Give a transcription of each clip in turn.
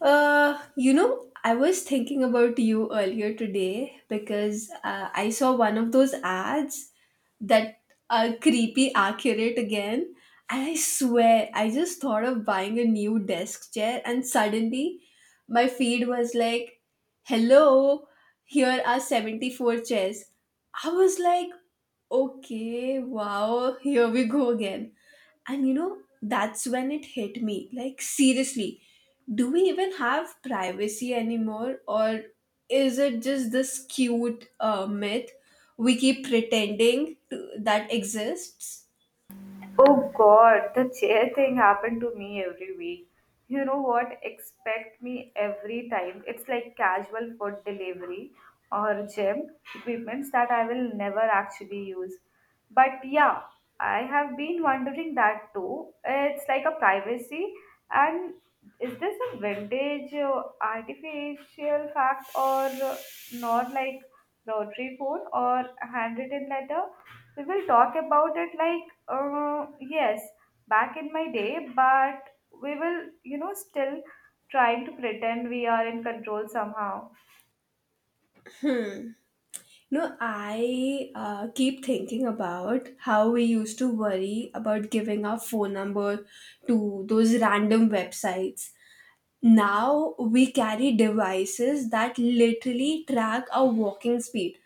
You know, I was thinking about you earlier today because I saw one of those ads that are creepy accurate again. And I swear, I just thought of buying a new desk chair, and suddenly my feed was like, hello, here are 74 chairs. I was like, okay, wow, here we go again. And you know, that's when it hit me. Like, seriously, do we even have privacy anymore? Or is it just this cute myth we keep pretending to, that exists? Oh God, the chair thing happened to me every week. You know what? Expect me every time. It's like casual food delivery or gym equipments that I will never actually use. But yeah, I have been wondering that too. It's like a privacy and is this a vintage artificial fact or not like rotary phone or handwritten letter? We will talk about it like, yes, back in my day, but we will, you know, still trying to pretend we are in control somehow. No, I keep thinking about how we used to worry about giving our phone number to those random websites. Now we carry devices that literally track our walking speed,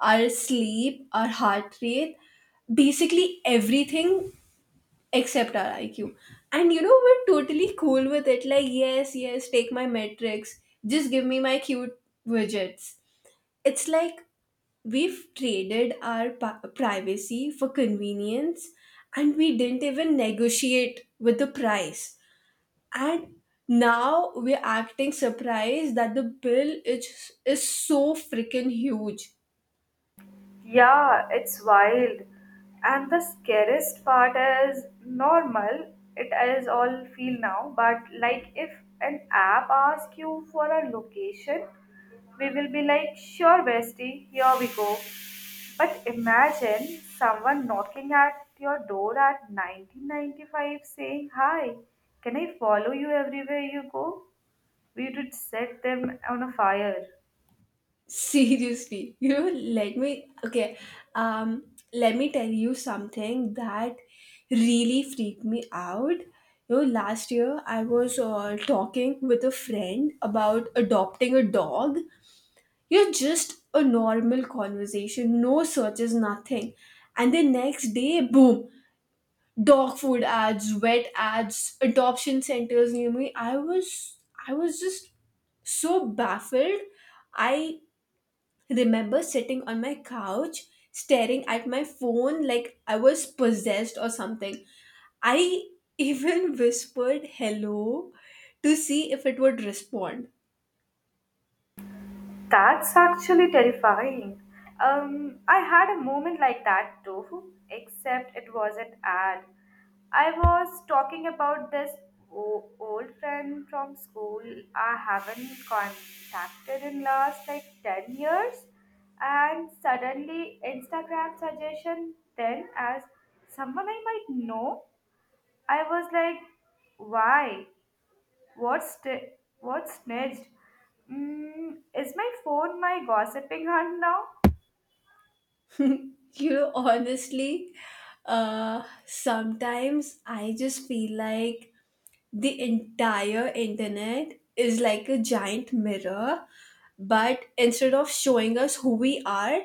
our sleep, our heart rate, basically everything except our IQ. And you know, we're totally cool with it. Like, yes, yes, take my metrics, just give me my cute widgets. It's like we've traded our privacy for convenience, and we didn't even negotiate with the price. And now we're acting surprised that the bill is so freaking huge. Yeah, it's wild. And the scariest part is normal. It is all feel now, but like if an app asks you for a location, we will be like, sure, bestie, here we go. But imagine someone knocking at your door at 1995 saying, hi, can I follow you everywhere you go? We would set them on a fire. Seriously, you know, let me okay. Um, Let me tell you something that really freaked me out. You know, last year I was talking with a friend about adopting a dog. You know, just a normal conversation, no searches, nothing. And the next day, boom, dog food ads, vet ads, adoption centers near me. I was just so baffled. I remember sitting on my couch staring at my phone like I was possessed or something. I even whispered hello to see if it would respond. That's actually terrifying. I had a moment like that too, except it was an ad. I was talking about this old friend from school I haven't contacted in last like 10 years and suddenly Instagram suggestion then as someone I might know. I was like, why? What's st- what's next? Mm, is my phone my gossiping hunt now? you honestly, sometimes I just feel like the entire internet is like a giant mirror, but instead of showing us who we are,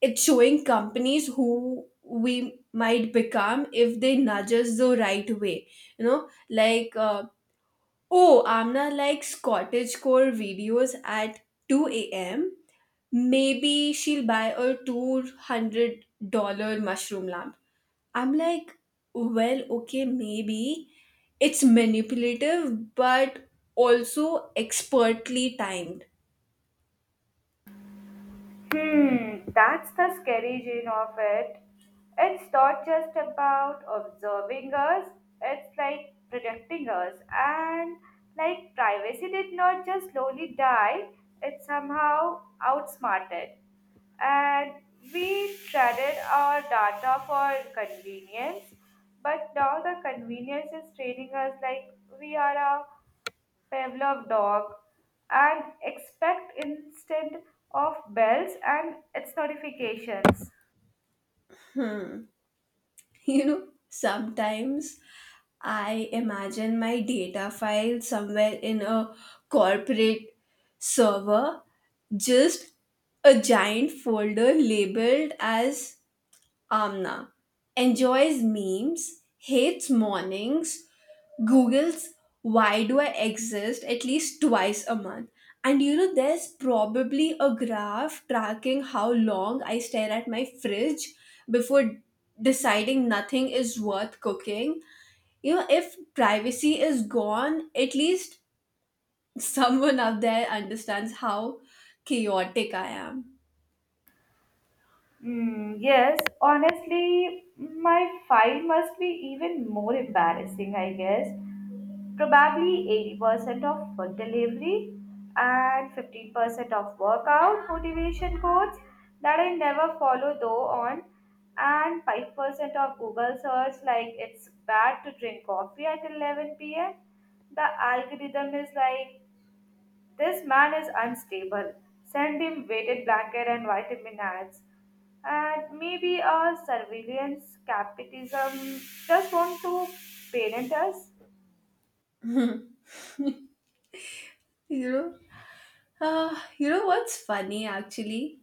it's showing companies who we might become if they nudge us the right way. Like, oh, amna likes cottage core videos at 2 a.m. Maybe she'll buy a $200 mushroom lamp. I'm like, well, okay, maybe it's manipulative but also expertly timed. Hmm, that's the scary gene of it. It's not just about observing us, it's like protecting us. And like privacy did not just slowly die, it somehow outsmarted. And we traded our data for convenience, but now the convenience is training us like we are a Pavlov dog and expect instead of bells and its notifications. Sometimes I imagine my data file somewhere in a corporate server, just a giant folder labeled as Amna. Enjoys memes, hates mornings, Googles why do I exist at least twice a month. And you know, there's probably a graph tracking how long I stare at my fridge before deciding nothing is worth cooking. If privacy is gone, at least someone out there understands how chaotic I am. Mm, yes, honestly, my file must be even more embarrassing, I guess. Probably 80% of food delivery and 15% of workout motivation quotes that I never follow though on and 5% of Google search like it's bad to drink coffee at 11 p.m. The algorithm is like this man is unstable. Send him weighted blanket and vitamin ads. And maybe a surveillance capitalism just want to parent us. you know you know what's funny? Actually,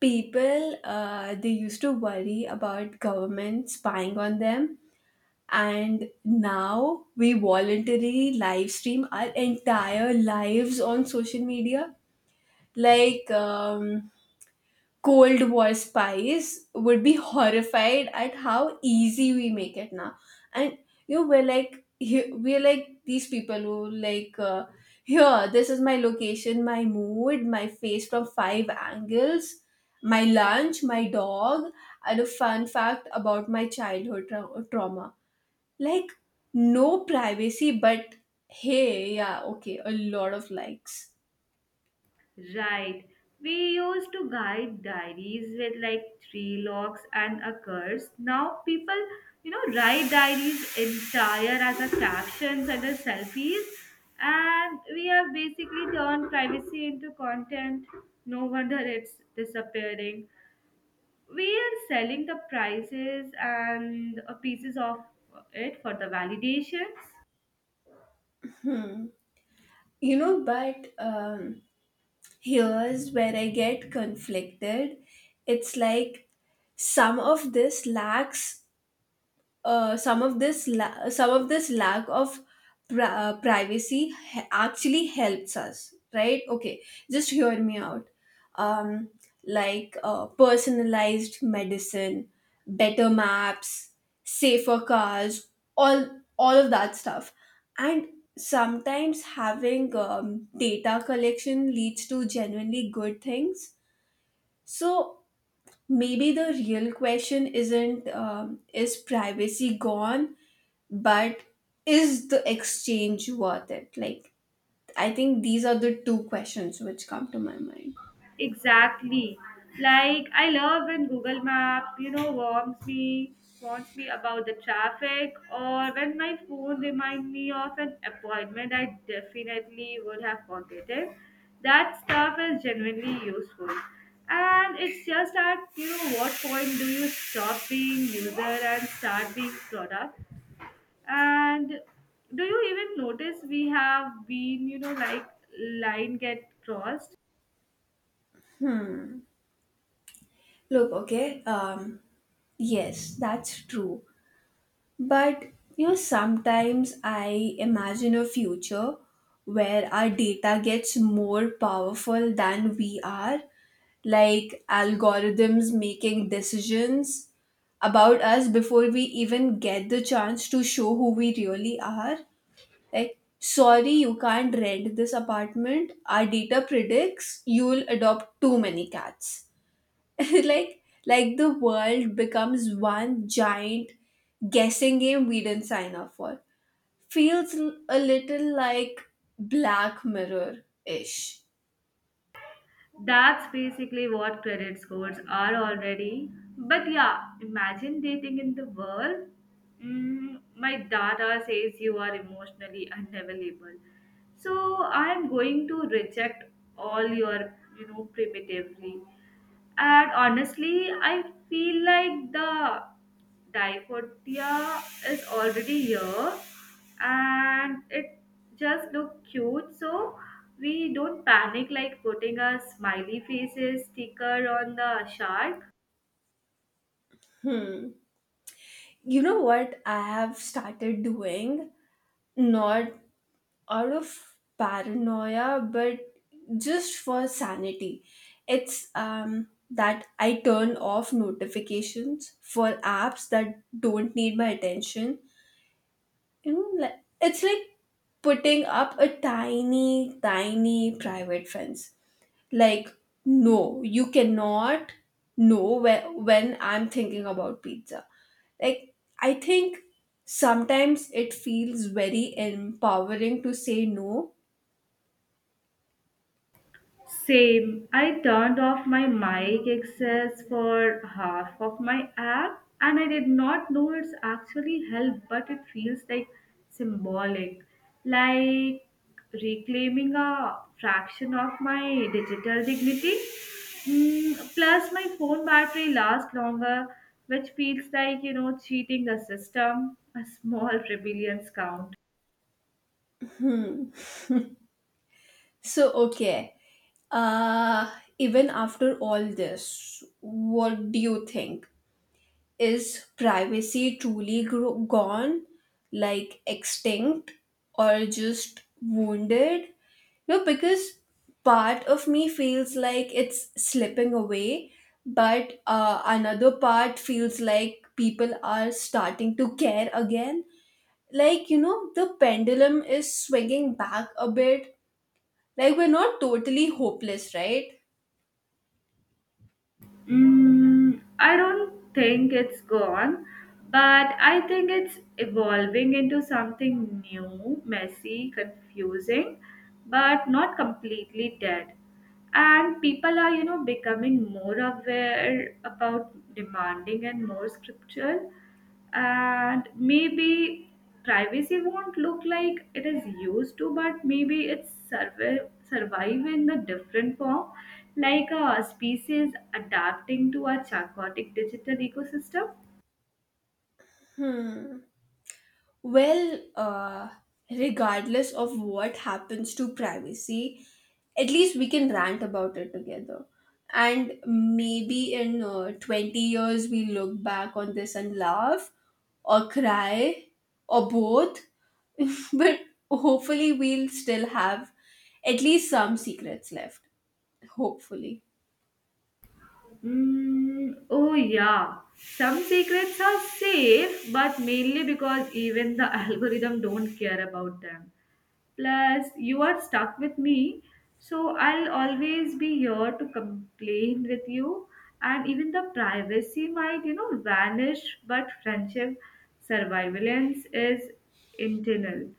people they used to worry about government spying on them, and now we voluntarily live stream our entire lives on social media. Like, Cold War spies would be horrified at how easy we make it now. And you know, we're like these people who like, here. This is my location, my mood, my face from five angles, my lunch, my dog, and a fun fact about my childhood trauma. Like, no privacy, but hey, yeah, okay, a lot of likes. Right. We used to guide diaries with like three locks and a curse. Now people, you know, write diaries entire as a captions and a selfies. And we have basically turned privacy into content. No wonder it's disappearing. We are selling the prices and pieces of it for the validations. You know, but here's where I get conflicted. It's like some of this lacks some of this la- some of this lack of privacy actually helps us, right? Okay, just hear me out. um, like, personalized medicine, better maps, safer cars, all of that stuff. And sometimes having, data collection leads to genuinely good things. So maybe the real question isn't, is privacy gone, but is the exchange worth it? Like, I think these are the two questions which come to my mind. Exactly. Like I love when Google Map, you know, warns me about the traffic, or when my phone reminds me of an appointment I definitely would have forgotten. That stuff is genuinely useful. And it's just at you know what point do you stop being user and start being product? And do you even notice we have been, you know, like line get crossed? Look, okay, yes, that's true. But you know, sometimes I imagine a future where our data gets more powerful than we are, like algorithms making decisions about us before we even get the chance to show who we really are. Like, sorry, you can't rent this apartment. Our data predicts you will adopt too many cats. Like, the world becomes one giant guessing game we didn't sign up for. Feels a little like Black Mirror ish. That's basically what credit scores are already. But yeah, imagine dating in the world. Mm, my data says you are emotionally unavailable. So I'm going to reject all your, you know, primitively. And honestly, I feel like the diaphotia is already here and it just look cute. So we don't panic like putting a smiley faces sticker on the shark. Hmm. You know what I have started doing? Not out of paranoia, but just for sanity. It's, that I turn off notifications for apps that don't need my attention. You know, like, it's like putting up a tiny, tiny private fence. Like, no, you cannot know when I'm thinking about pizza. Like, I think sometimes it feels very empowering to say no. Same. I turned off my mic access for half of my app and I did not know it's actually helped, but it feels like symbolic. Like reclaiming a fraction of my digital dignity. Mm, plus, my phone battery lasts longer, which feels like, you know, cheating the system. A small rebellion counts. So, okay. Uh, even after all this, what do you think? Is privacy truly gone, like extinct, or just wounded? No, because part of me feels like it's slipping away, but another part feels like people are starting to care again. Like, you know, the pendulum is swinging back a bit, like we're not totally hopeless, right? Mm, I don't think it's gone, but I think it's evolving into something new, messy, confusing, but not completely dead. And people are, you know, becoming more aware about demanding and more scriptural and maybe privacy won't look like it is used to but maybe it's survive in a different form like a species adapting to a chaotic digital ecosystem. Hmm. Well, regardless of what happens to privacy, at least we can rant about it together. And maybe in, 20 years, we look back on this and laugh or cry or both. But hopefully, we'll still have at least some secrets left. Hopefully. Mm, oh, yeah. Some secrets are safe, but mainly because even the algorithm don't care about them. Plus, you are stuck with me, so I'll always be here to complain with you. And even the privacy might, you know, vanish, but friendship survivalence is internal.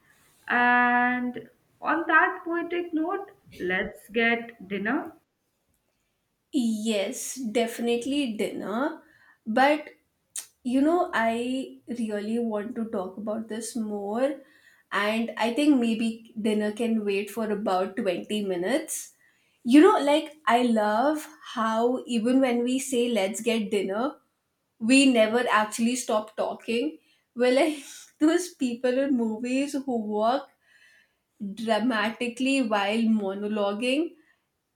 And on that poetic note, let's get dinner. Yes, definitely dinner. But you know, I really want to talk about this more, and I think maybe dinner can wait for about 20 minutes. You know, like I love how even when we say let's get dinner, we never actually stop talking. We're like those people in movies who walk dramatically while monologuing,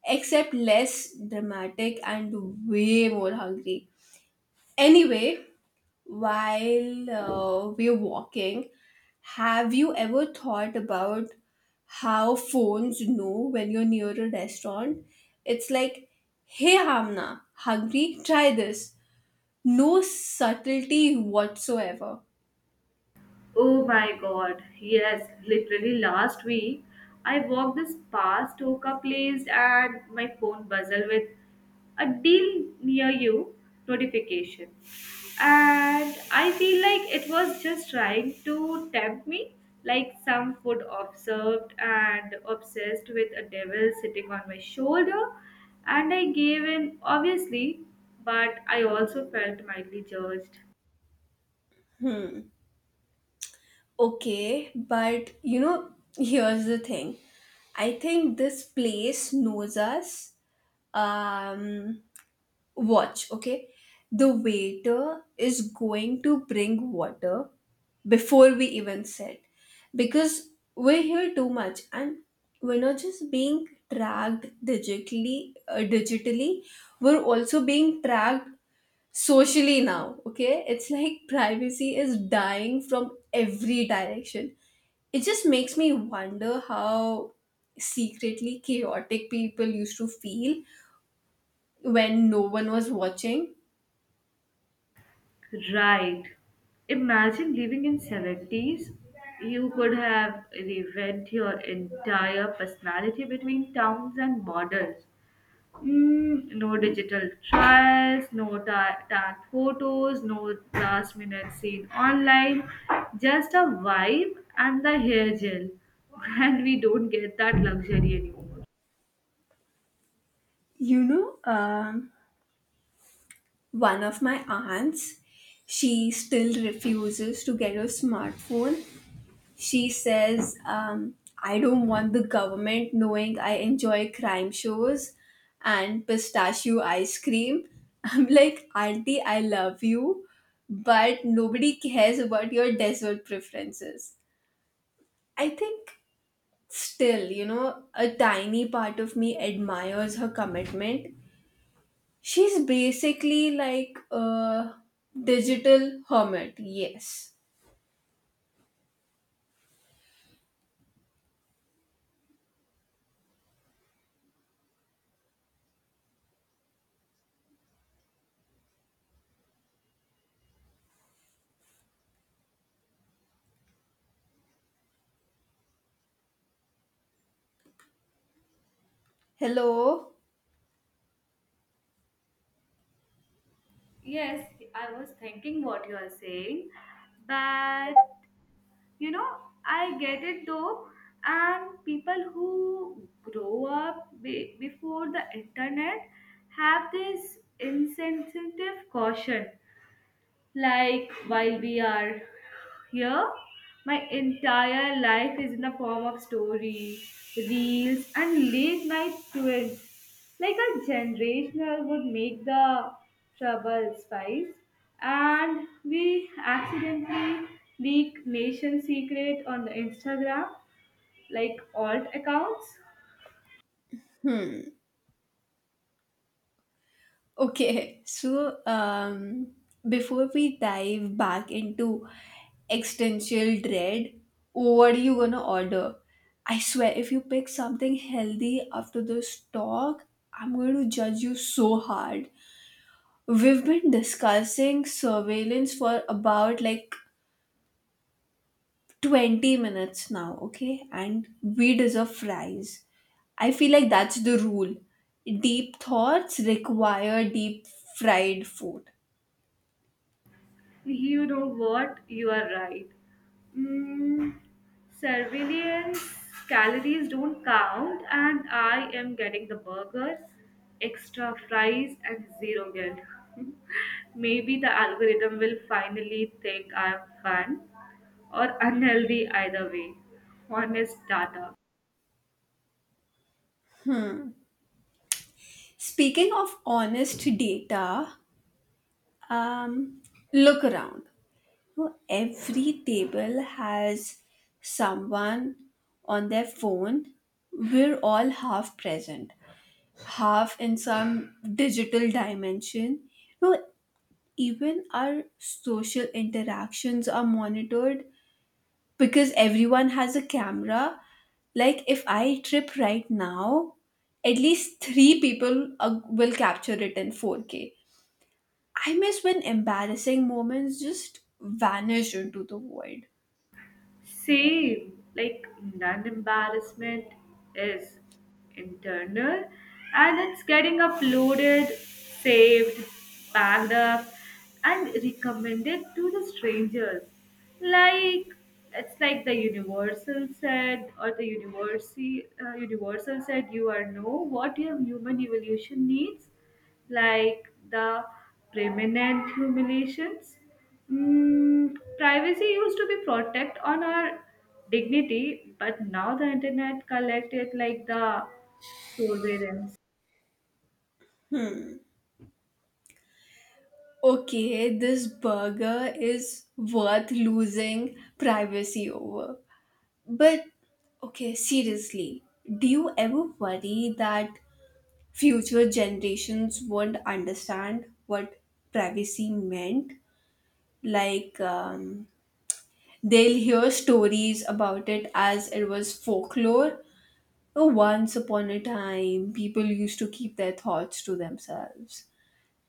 except less dramatic and way more hungry. Anyway, while we're walking, have you ever thought about how phones know when you're near a restaurant? It's like, hey, Hamna, hungry? Try this. No subtlety whatsoever. Oh my god, yes, literally last week I walked this past Oka place and my phone buzzed with a deal near you notification. And I feel like it was just trying to tempt me, like some food observed and obsessed with a devil sitting on my shoulder. And I gave in, obviously, but I also felt mildly judged. Okay, but you know, here's the thing. I think this place knows us. Um, Watch, okay? The waiter is going to bring water before we even sit, because we hear too much, and we're not just being tracked digitally, we're also being tracked socially now. Okay, it's like privacy is dying from every direction. It just makes me wonder how secretly chaotic people used to feel when no one was watching. Right. Imagine living in 70's. You could have revved your entire personality between towns and models. Mm, no digital trials, tagged photos, no last minute scene online. Just a vibe and the hair gel. And we don't get that luxury anymore. You know, one of my aunts, she still refuses to get a smartphone. She says, I don't want the government knowing I enjoy crime shows and pistachio ice cream. I'm like, Auntie, I love you, but nobody cares about your dessert preferences. I think still, you know, a tiny part of me admires her commitment. She's basically like a digital hermit. Yes. Hello. Yes, I was thinking what you are saying, but you know I get it though and people who grow up before the internet have this insensitive caution like while we are here, my entire life is in the form of story, reels, and late night twins. Like a generational would make the trouble spice, and we accidentally leak nation secret on the Instagram, like alt accounts. Okay. So, before we dive back into existential dread, what are you gonna order? I swear, if you pick something healthy after this talk, I'm going to judge you so hard. We've been discussing surveillance for about like 20 minutes now, okay? And we deserve fries. I feel like that's the rule. Deep thoughts require deep fried food. You know what? You are right. Mm, surveillance calories don't count, and I am getting the burger, extra fries, and zero guilt. Maybe the algorithm will finally think I am fun or unhealthy either way. Honest data. Speaking of honest data, um, look around. So every table has someone on their phone. We're all half present, half in some digital dimension. No, even our social interactions are monitored because everyone has a camera. Like if I trip right now, at least three people will capture it in 4K. I miss when embarrassing moments just vanish into the void. Same, like non embarrassment is internal and it's getting uploaded, saved, backed up, and recommended to the strangers. Like it's like the universal said, or the universal said, you are know what your human evolution needs like the permanent humiliations. Mm, privacy used to be protect on our dignity, but now the internet collect it like the surveillance. Okay, this burger is worth losing privacy over. But okay, seriously, do you ever worry that future generations won't understand what privacy meant? Like, they'll hear stories about it as it was folklore. Oh, once upon a time, people used to keep their thoughts to themselves.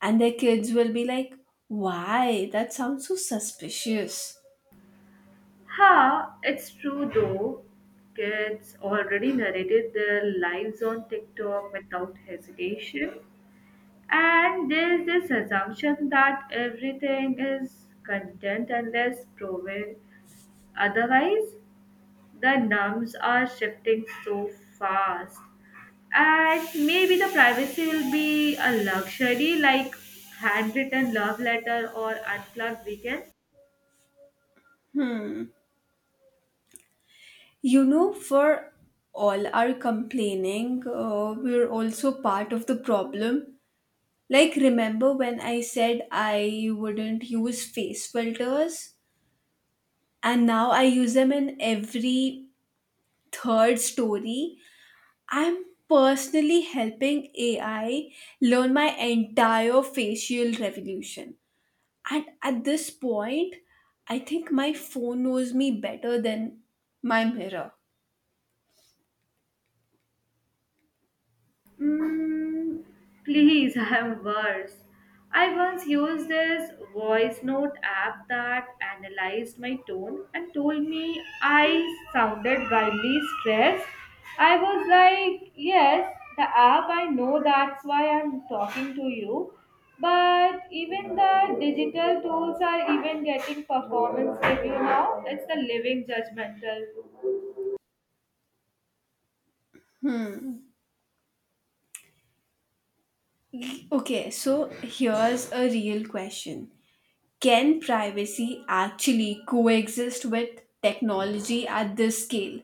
And their kids will be like, why? That sounds so suspicious. Ha, it's true though. Kids already narrated their lives on TikTok without hesitation. And there's this assumption that everything is content unless proven otherwise. The norms are shifting so fast, and maybe the privacy will be a luxury like handwritten love letter or unplugged weekend. You know, for all our complaining, we're also part of the problem. Like, remember when I said I wouldn't use face filters? And now I use them in every third story. I'm personally helping AI learn my entire facial revolution. And at this point, I think my phone knows me better than my mirror. Mm, please, I'm worse. I once used this voice note app that analyzed my tone and told me I sounded wildly stressed. I was like, yes, the app, I know that's why I'm talking to you. But even the digital tools are even getting performance review now. It's the living judgmental. Okay, so here's a real question. Can privacy actually coexist with technology at this scale,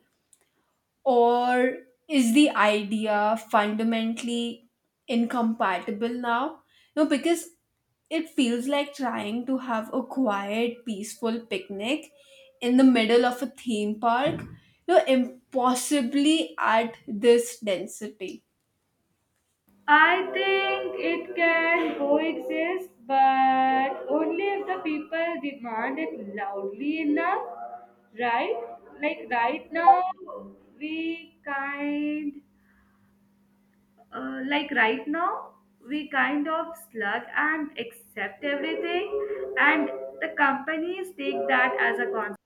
or is the idea fundamentally incompatible now? No, because it feels like trying to have a quiet, peaceful picnic in the middle of a theme park. No, impossibly at this density. I think it can coexist, but only if the people demand it loudly enough, right? Like right now, we kind, like right now, we kind of slug and accept everything, and the companies take that as a concept.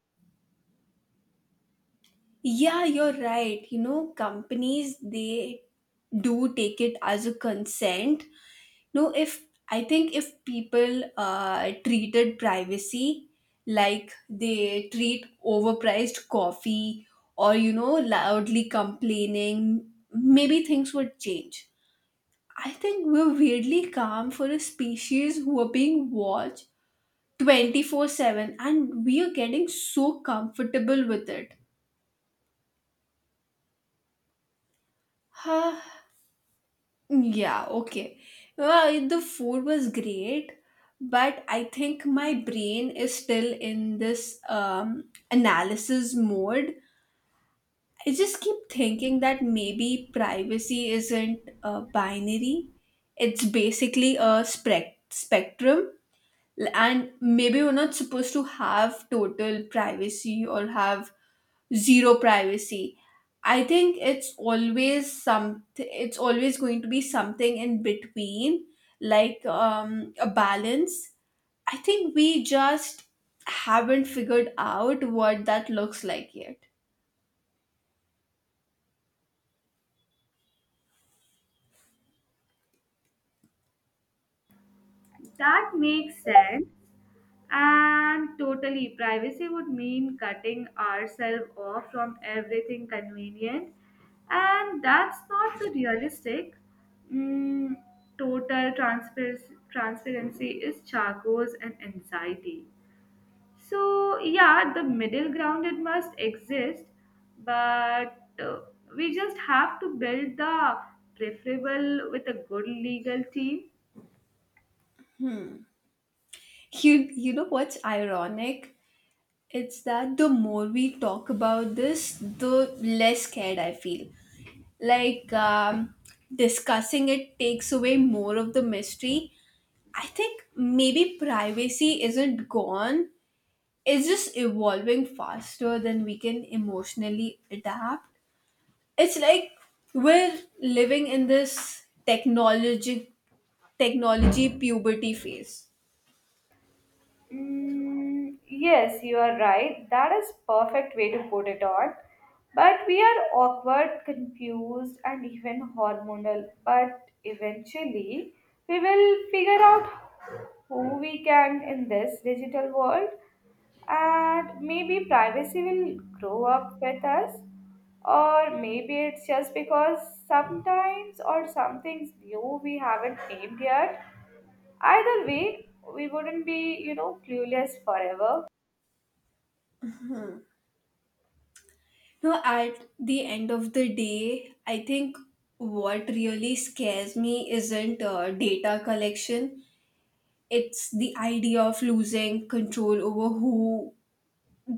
Yeah, you're right. You know, companies, they do take it as a consent. No, if I think, if people treated privacy like they treat overpriced coffee, or loudly complaining, maybe things would change. I think we're weirdly calm for a species who are being watched 24/7, and we are getting so comfortable with it. Yeah, okay. Well, the food was great, but I think my brain is still in this, analysis mode. I just keep thinking that maybe privacy isn't, binary. It's basically a spectrum, and maybe we're not supposed to have total privacy or have zero privacy. I think it's always going to be something in between, like, a balance. I think we just haven't figured out what that looks like yet. That makes sense. And totally, privacy would mean cutting ourselves off from everything convenient, and that's not the realistic. Mm, total transpar- transparency is Chaco's and anxiety. So, yeah, the middle ground it must exist, but we just have to build the preferable with a good legal team. You know what's ironic? It's that the more we talk about this, the less scared I feel. Like, discussing it takes away more of the mystery. I think maybe privacy isn't gone. It's just evolving faster than we can emotionally adapt. It's like we're living in this technology puberty phase. Mm, yes, you are right. That is perfect way to put it on. But we are awkward, confused, and even hormonal. But eventually, we will figure out who we can in this digital world, and maybe privacy will grow up with us. Or maybe it's just because sometimes or some things new we haven't named yet. Either way, we wouldn't be, you know, clueless forever. Now at the end of the day, I think what really scares me isn't, data collection. It's the idea of losing control over who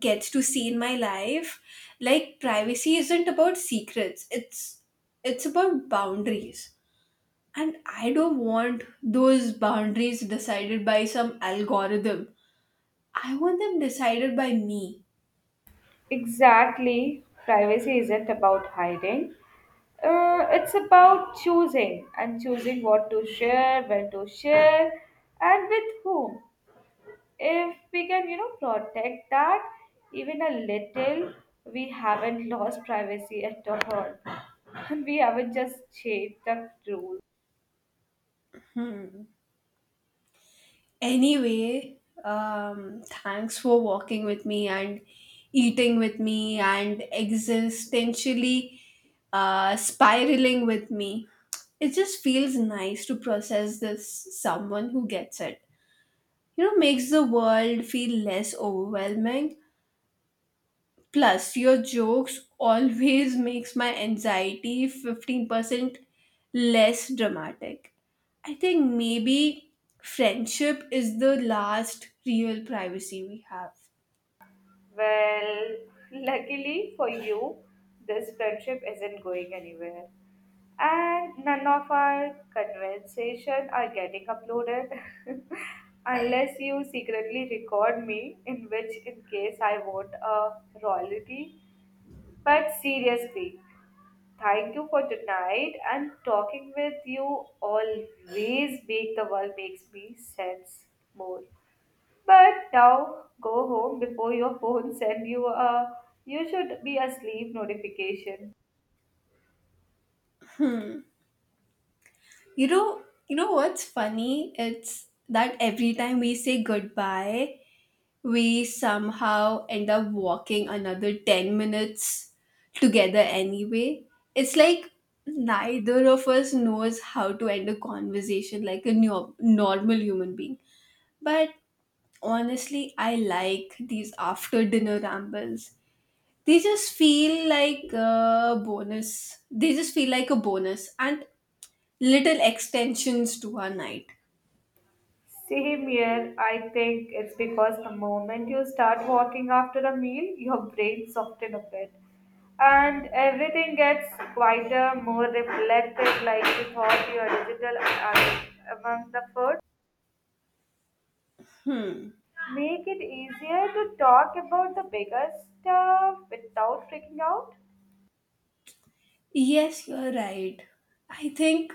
gets to see in my life. Like, privacy isn't about secrets, it's about boundaries, and I don't want those boundaries decided by some algorithm. I want them decided by me. Exactly. Privacy isn't about hiding. It's about choosing and choosing what to share, when to share, and with whom. If we can, you know, protect that even a little, we haven't lost privacy at all. We haven't just changed the rules. Hmm. Anyway, thanks for walking with me, and eating with me, and existentially spiraling with me. It just feels nice to process this, someone who gets it, makes the world feel less overwhelming. Plus, your jokes always makes my anxiety 15% less dramatic. I think maybe friendship is the last real privacy we have. Well, luckily for you, this friendship isn't going anywhere. And none of our conversation are getting uploaded unless you secretly record me, in which in case I want a royalty. But seriously, thank you for tonight and talking with you always make the world makes me sense more. But now go home before your phone send you a you should be asleep notification. You know what's funny? It's that every time we say goodbye, we somehow end up walking another 10 minutes together anyway. It's like neither of us knows how to end a conversation like a normal human being. But honestly, I like these after dinner rambles. They just feel like a bonus. And little extensions to our night. Same here, I think it's because the moment you start walking after a meal, your brain softens a bit. And everything gets quieter, more reflective, like you thought your digital among the food. Make it easier to talk about the bigger stuff without freaking out. Yes, you're right. I think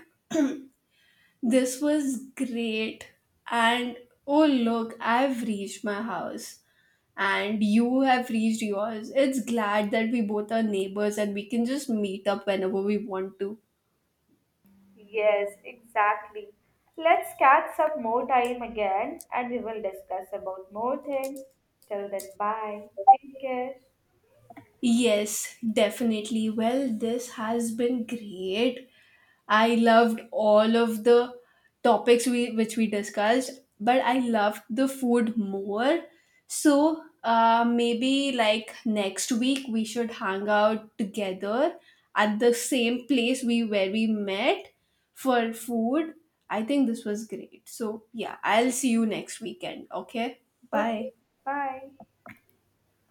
this was great. And oh, look, I've reached my house. And you have reached yours. It's glad that we both are neighbors and we can just meet up whenever we want to. Yes, exactly. Let's catch up more time again and we will discuss about more things. Till then, bye. Take care. Yes, definitely. Well, this has been great. I loved all of the topics we which we discussed, but I loved the food more. So maybe like next week we should hang out together at the same place we where we met for food. I think this was great. So yeah, I'll see you next weekend. Okay, Okay, bye. bye.